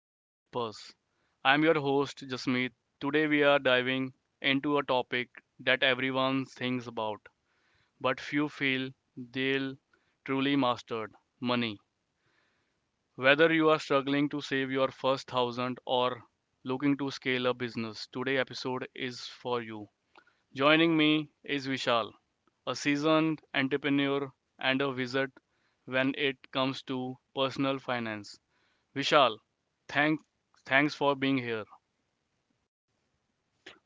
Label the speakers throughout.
Speaker 1: to the Wealth Buzz. I'm your host, Jasmeet. Today, we are diving into a topic that everyone thinks about, but few feel they'll truly mastered money. Whether you are struggling to save your first thousand or looking to scale a business, today's episode is for you. Joining me is Vishal, a seasoned entrepreneur and a wizard when it comes to personal finance. Vishal, thank thanks for being here.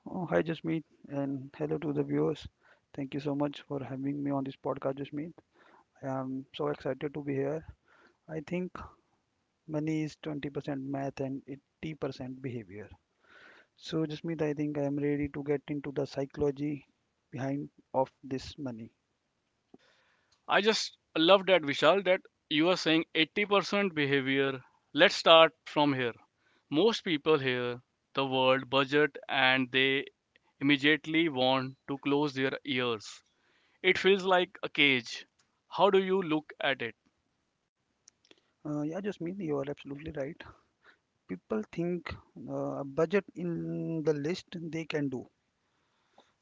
Speaker 2: Oh, hi, Jasmeet, and hello to the viewers. Thank you so much for having me on this podcast, Jasmeet. I am so excited to be here. I think money is 20% math and 80% behavior. So, Jasmeet, I think I am ready to get into the psychology behind of this money.
Speaker 1: I just love that, Vishal, that you are saying 80% behavior. Let's start from here. Most people hear the word budget and they immediately want to close their ears. It feels like a cage. How do you look at it?
Speaker 2: Yeah, Jasmeet, you are absolutely right. People think a budget in the list they can do,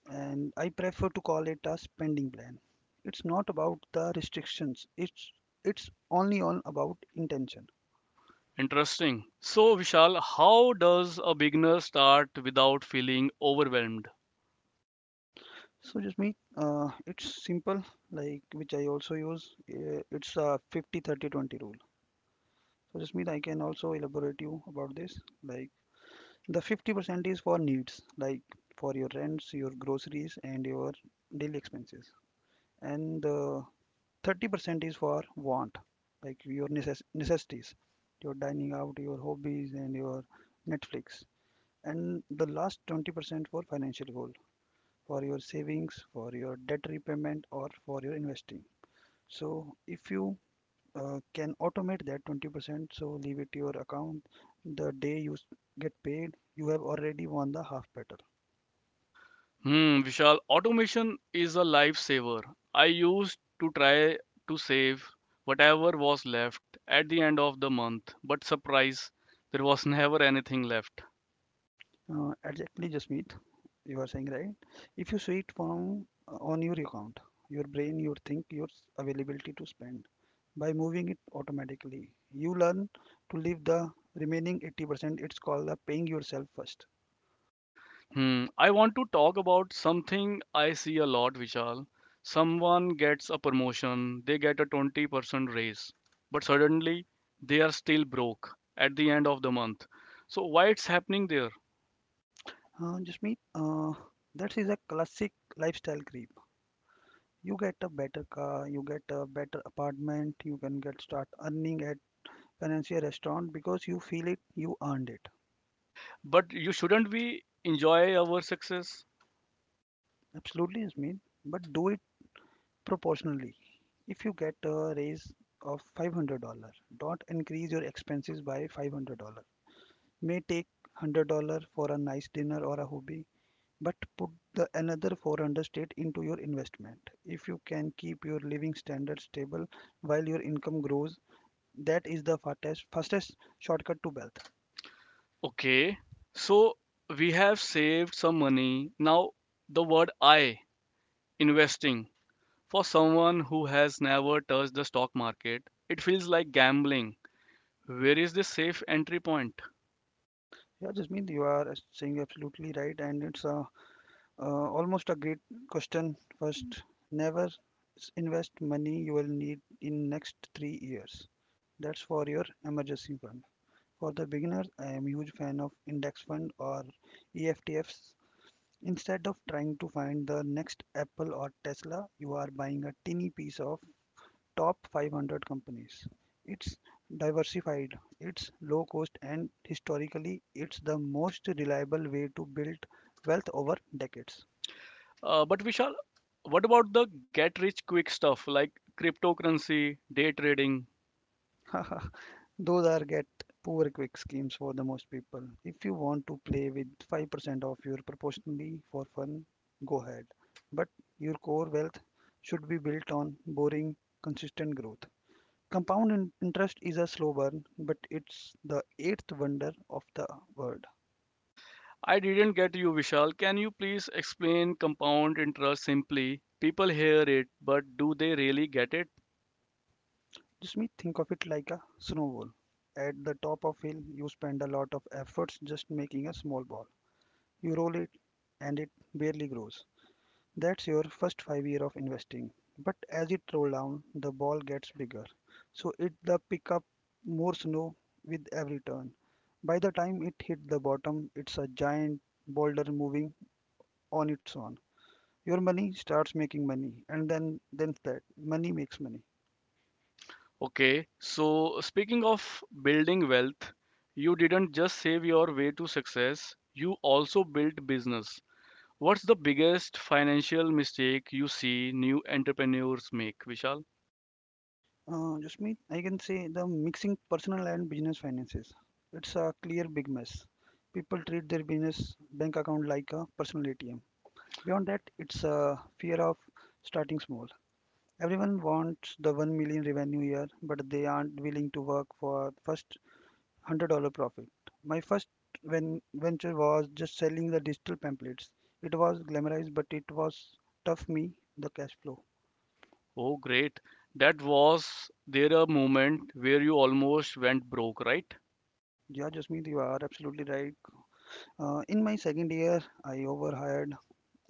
Speaker 2: and I prefer to call it a spending plan. It's not about the restrictions. It's only on about intention.
Speaker 1: Interesting. So Vishal, how does a beginner start without feeling overwhelmed?
Speaker 2: So just me, it's simple like which I also use. It's a 50 30 20 rule. So just me, I can also elaborate you about this. Like the 50% is for needs, like for your rents, your groceries, and your daily expenses. And the 30% is for want like your necessities, your dining out, your hobbies, and your Netflix, and the last 20% for financial goal, for your savings, for your debt repayment, or for your investing. So if you can automate that 20%, so leave it to your account the day you get paid, you have already won the half battle.
Speaker 1: Hmm, Vishal, automation is a lifesaver. I used to try to save whatever was left at the end of the month, but surprise, there was never anything left.
Speaker 2: Exactly, Jasmeet. You are saying right. If you see it from on your account, your brain, your think, your availability to spend. By moving it automatically, you learn to leave the remaining 80%. It's called the paying yourself first.
Speaker 1: Hmm, I want to talk about something I see a lot, Vishal. Someone gets a promotion, they get a 20% raise, but suddenly they are still broke at the end of the month. So why it's happening there?
Speaker 2: Jasmeet, that is a classic lifestyle creep. You get a better car, you get a better apartment, you can get start earning at financial restaurant because you feel it, you earned it.
Speaker 1: But you shouldn't we enjoy our success?
Speaker 2: Absolutely, Jasmeet. But do it proportionally. If you get a raise of $500, don't increase your expenses by $500. May take $100 for a nice dinner or a hobby, but put the another 400 straight into your investment. If you can keep your living standards stable while your income grows, that is the fastest shortcut to wealth.
Speaker 1: Okay, so we have saved some money. Now, the word I, investing. For someone who has never touched the stock market, it feels like gambling. Where is the safe entry point?
Speaker 2: Yeah, Jasmeet, you are saying absolutely right, and it's a almost a great question. First, never invest money you will need in next 3 years. That's for your emergency fund. For the beginners, I am huge fan of index fund or EFTFs. Instead of trying to find the next Apple or Tesla, you are buying a teeny piece of top 500 companies. It's diversified, it's low cost, and historically, it's the most reliable way to build wealth over decades.
Speaker 1: But Vishal, what about the get rich quick stuff like cryptocurrency, day trading?
Speaker 2: Those are get poor quick schemes for the most people. If you want to play with 5% of your proportionally for fun, go ahead. But your core wealth should be built on boring, consistent growth. Compound interest is a slow burn, but it's the eighth wonder of the world.
Speaker 1: I didn't get you, Vishal. Can you please explain compound interest simply? People hear it, but do they really get it?
Speaker 2: Just me think of it like a snowball. At the top of hill, you spend a lot of efforts just making a small ball. You roll it and it barely grows. That's your first 5 year of investing. But as it roll down, the ball gets bigger. So it the pick up more snow with every turn. By the time it hit the bottom, it's a giant boulder moving on its own. Your money starts making money, and then that money makes money.
Speaker 1: Okay, so speaking of building wealth, you didn't just save your way to success, you also built business. What's the biggest financial mistake you see new entrepreneurs make, Vishal?
Speaker 2: Just me, I can say the mixing personal and business finances. It's a clear big mess. People treat their business bank account like a personal ATM. Beyond that, it's a fear of starting small. Everyone wants the 1 million revenue year, but they aren't willing to work for first $100 profit. My first venture was just selling the digital pamphlets. It was glamorized, but it was tough me the cash flow.
Speaker 1: Oh, great. That was there a moment where you almost went broke, right?
Speaker 2: Yeah, Jasmeet, you are absolutely right. In my second year, I overhired.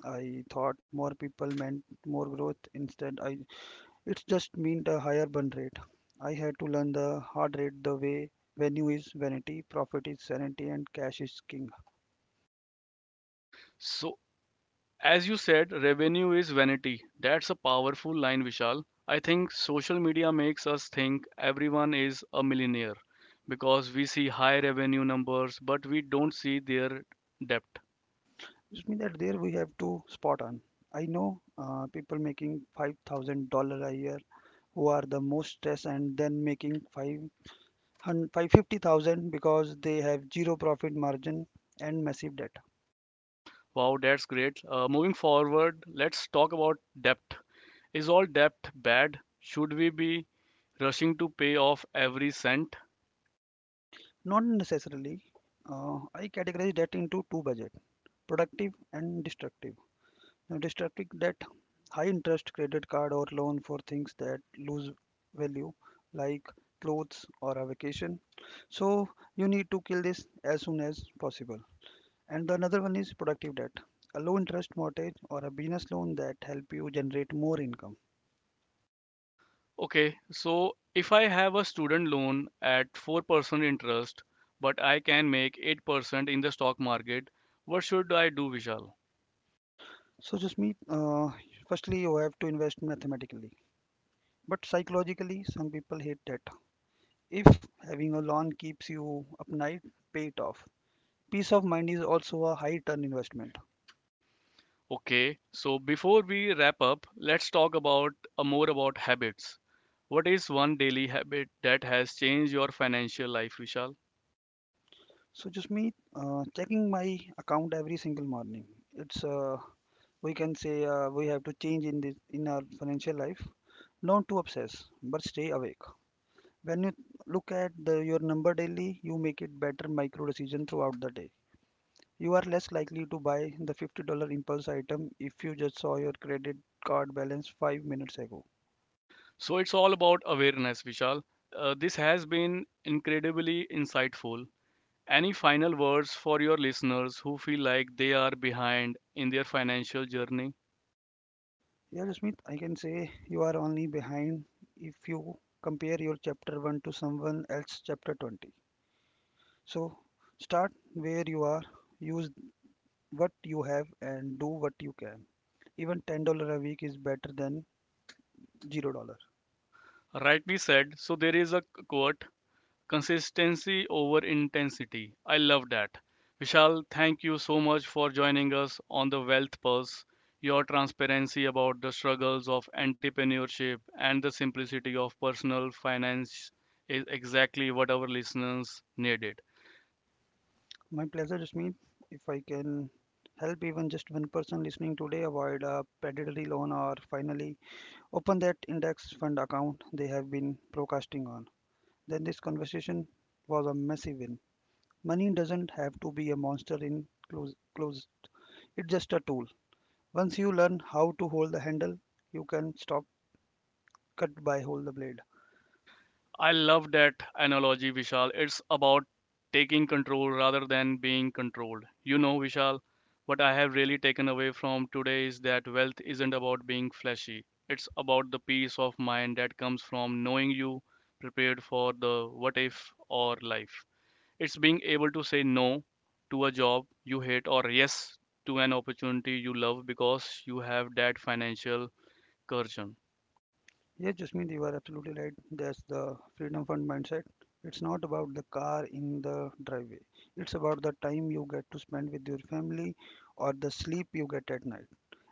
Speaker 2: I thought more people meant more growth. Instead, I It's just meant a higher burn rate. I had to learn the hard rate the way venue is vanity, profit is sanity, and cash is king.
Speaker 1: So, as you said, revenue is vanity. That's a powerful line, Vishal. I think social media makes us think everyone is a millionaire because we see high revenue numbers, but we don't see their depth.
Speaker 2: It means that there we have to spot on. I know people making $5,000 a year who are the most stressed and then making five hundred five fifty thousand because they have zero profit margin and massive debt.
Speaker 1: Wow, that's great. Moving forward, let's talk about debt. Is all debt bad? Should we be rushing to pay off every cent?
Speaker 2: Not necessarily. I categorize debt into two budget: productive and destructive. Now, distracting that high interest credit card or loan for things that lose value, like clothes or a vacation. So, you need to kill this as soon as possible. And the another one is productive debt, a low interest mortgage or a business loan that help you generate more income.
Speaker 1: Okay, so if I have a student loan at 4% interest, but I can make 8% in the stock market, what should I do, Vishal?
Speaker 2: So, just me, firstly, you have to invest mathematically, but psychologically, some people hate debt. If having a loan keeps you up night, pay it off. Peace of mind is also a high return investment.
Speaker 1: Okay, so before we wrap up, let's talk about more about habits. What is one daily habit that has changed your financial life, Vishal?
Speaker 2: So just me checking my account every single morning. It's we can say we have to change in this in our financial life. Not to obsess, but stay awake. When you look at the, your number daily, you make it better micro decision throughout the day. You are less likely to buy the $50 impulse item if you just saw your credit card balance 5 minutes ago.
Speaker 1: So it's all about awareness, Vishal. This has been incredibly insightful. Any final words for your listeners who feel like they are behind in their financial journey?
Speaker 2: Yeah, Jasmeet, I can say you are only behind if you compare your chapter 1 to someone else chapter 20. So start where you are, use what you have, and do what you can. Even $10 a week is better than $0.
Speaker 1: Rightly said. So there is a quote, consistency over intensity. I love that. Vishal, thank you so much for joining us on the Wealth Pulse. Your transparency about the struggles of entrepreneurship and the simplicity of personal finance is exactly what our listeners needed.
Speaker 2: My pleasure, Jasmeet. If I can help even just one person listening today avoid a predatory loan or finally open that index fund account they have been procrastinating on, then this conversation was a massive win. Money doesn't have to be a monster in close, close. It's just a tool. Once you learn how to hold the handle, you can stop cut by hold the blade.
Speaker 1: I love that analogy, Vishal. It's about taking control rather than being controlled. You know, Vishal, what I have really taken away from today is that wealth isn't about being flashy. It's about the peace of mind that comes from knowing you prepared for the what if or life. It's being able to say no to a job you hate or yes to an opportunity you love because you have that financial cushion.
Speaker 2: Yes, Jasmeet, you are absolutely right. That's the Freedom Fund mindset. It's not about the car in the driveway. It's about the time you get to spend with your family or the sleep you get at night.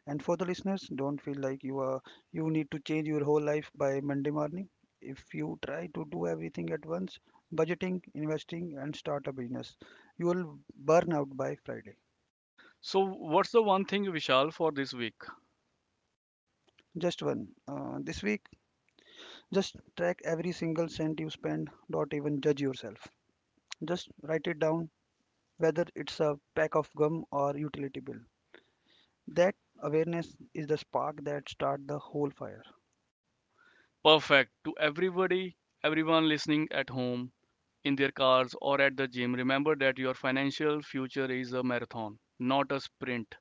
Speaker 2: And for the listeners, don't feel like you are you need to change your whole life by Monday morning. If you try to do everything at once, budgeting, investing, and start a business, you will burn out by Friday.
Speaker 1: So, what's the one thing, Vishal, for this week?
Speaker 2: Just one. This week, just track every single cent you spend, don't even judge yourself. Just write it down, whether it's a pack of gum or utility bill. That awareness is the spark that starts the whole fire.
Speaker 1: Perfect. To everybody, everyone listening at home, in their cars, or at the gym. Remember that your financial future is a marathon, not a sprint.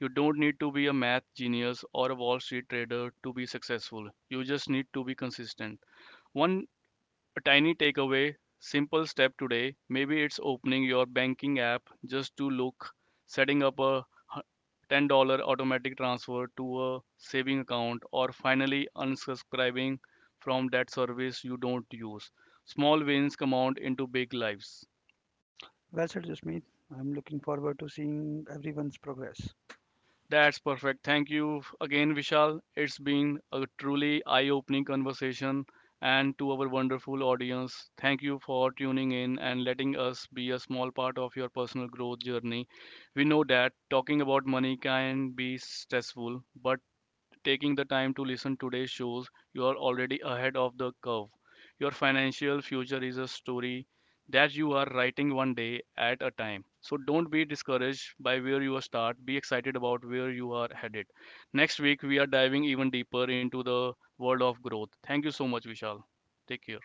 Speaker 1: You don't need to be a math genius or a Wall Street trader to be successful. You just need to be consistent. One a tiny takeaway, simple step today. Maybe it's opening your banking app just to look, setting up a $10 automatic transfer to a saving account, or finally unsubscribing from that service you don't use. Small wins compound into big lives.
Speaker 2: Well said, Jasmeet. I'm looking forward to seeing everyone's progress.
Speaker 1: That's perfect. Thank you again, Vishal. It's been a truly eye opening conversation. And to our wonderful audience, thank you for tuning in and letting us be a small part of your personal growth journey. We know that talking about money can be stressful, but taking the time to listen today shows, you are already ahead of the curve. Your financial future is a story that you are writing one day at a time. So don't be discouraged by where you start. Be excited about where you are headed. Next week we are diving even deeper into the world of growth. Thank you so much, Vishal. Take care.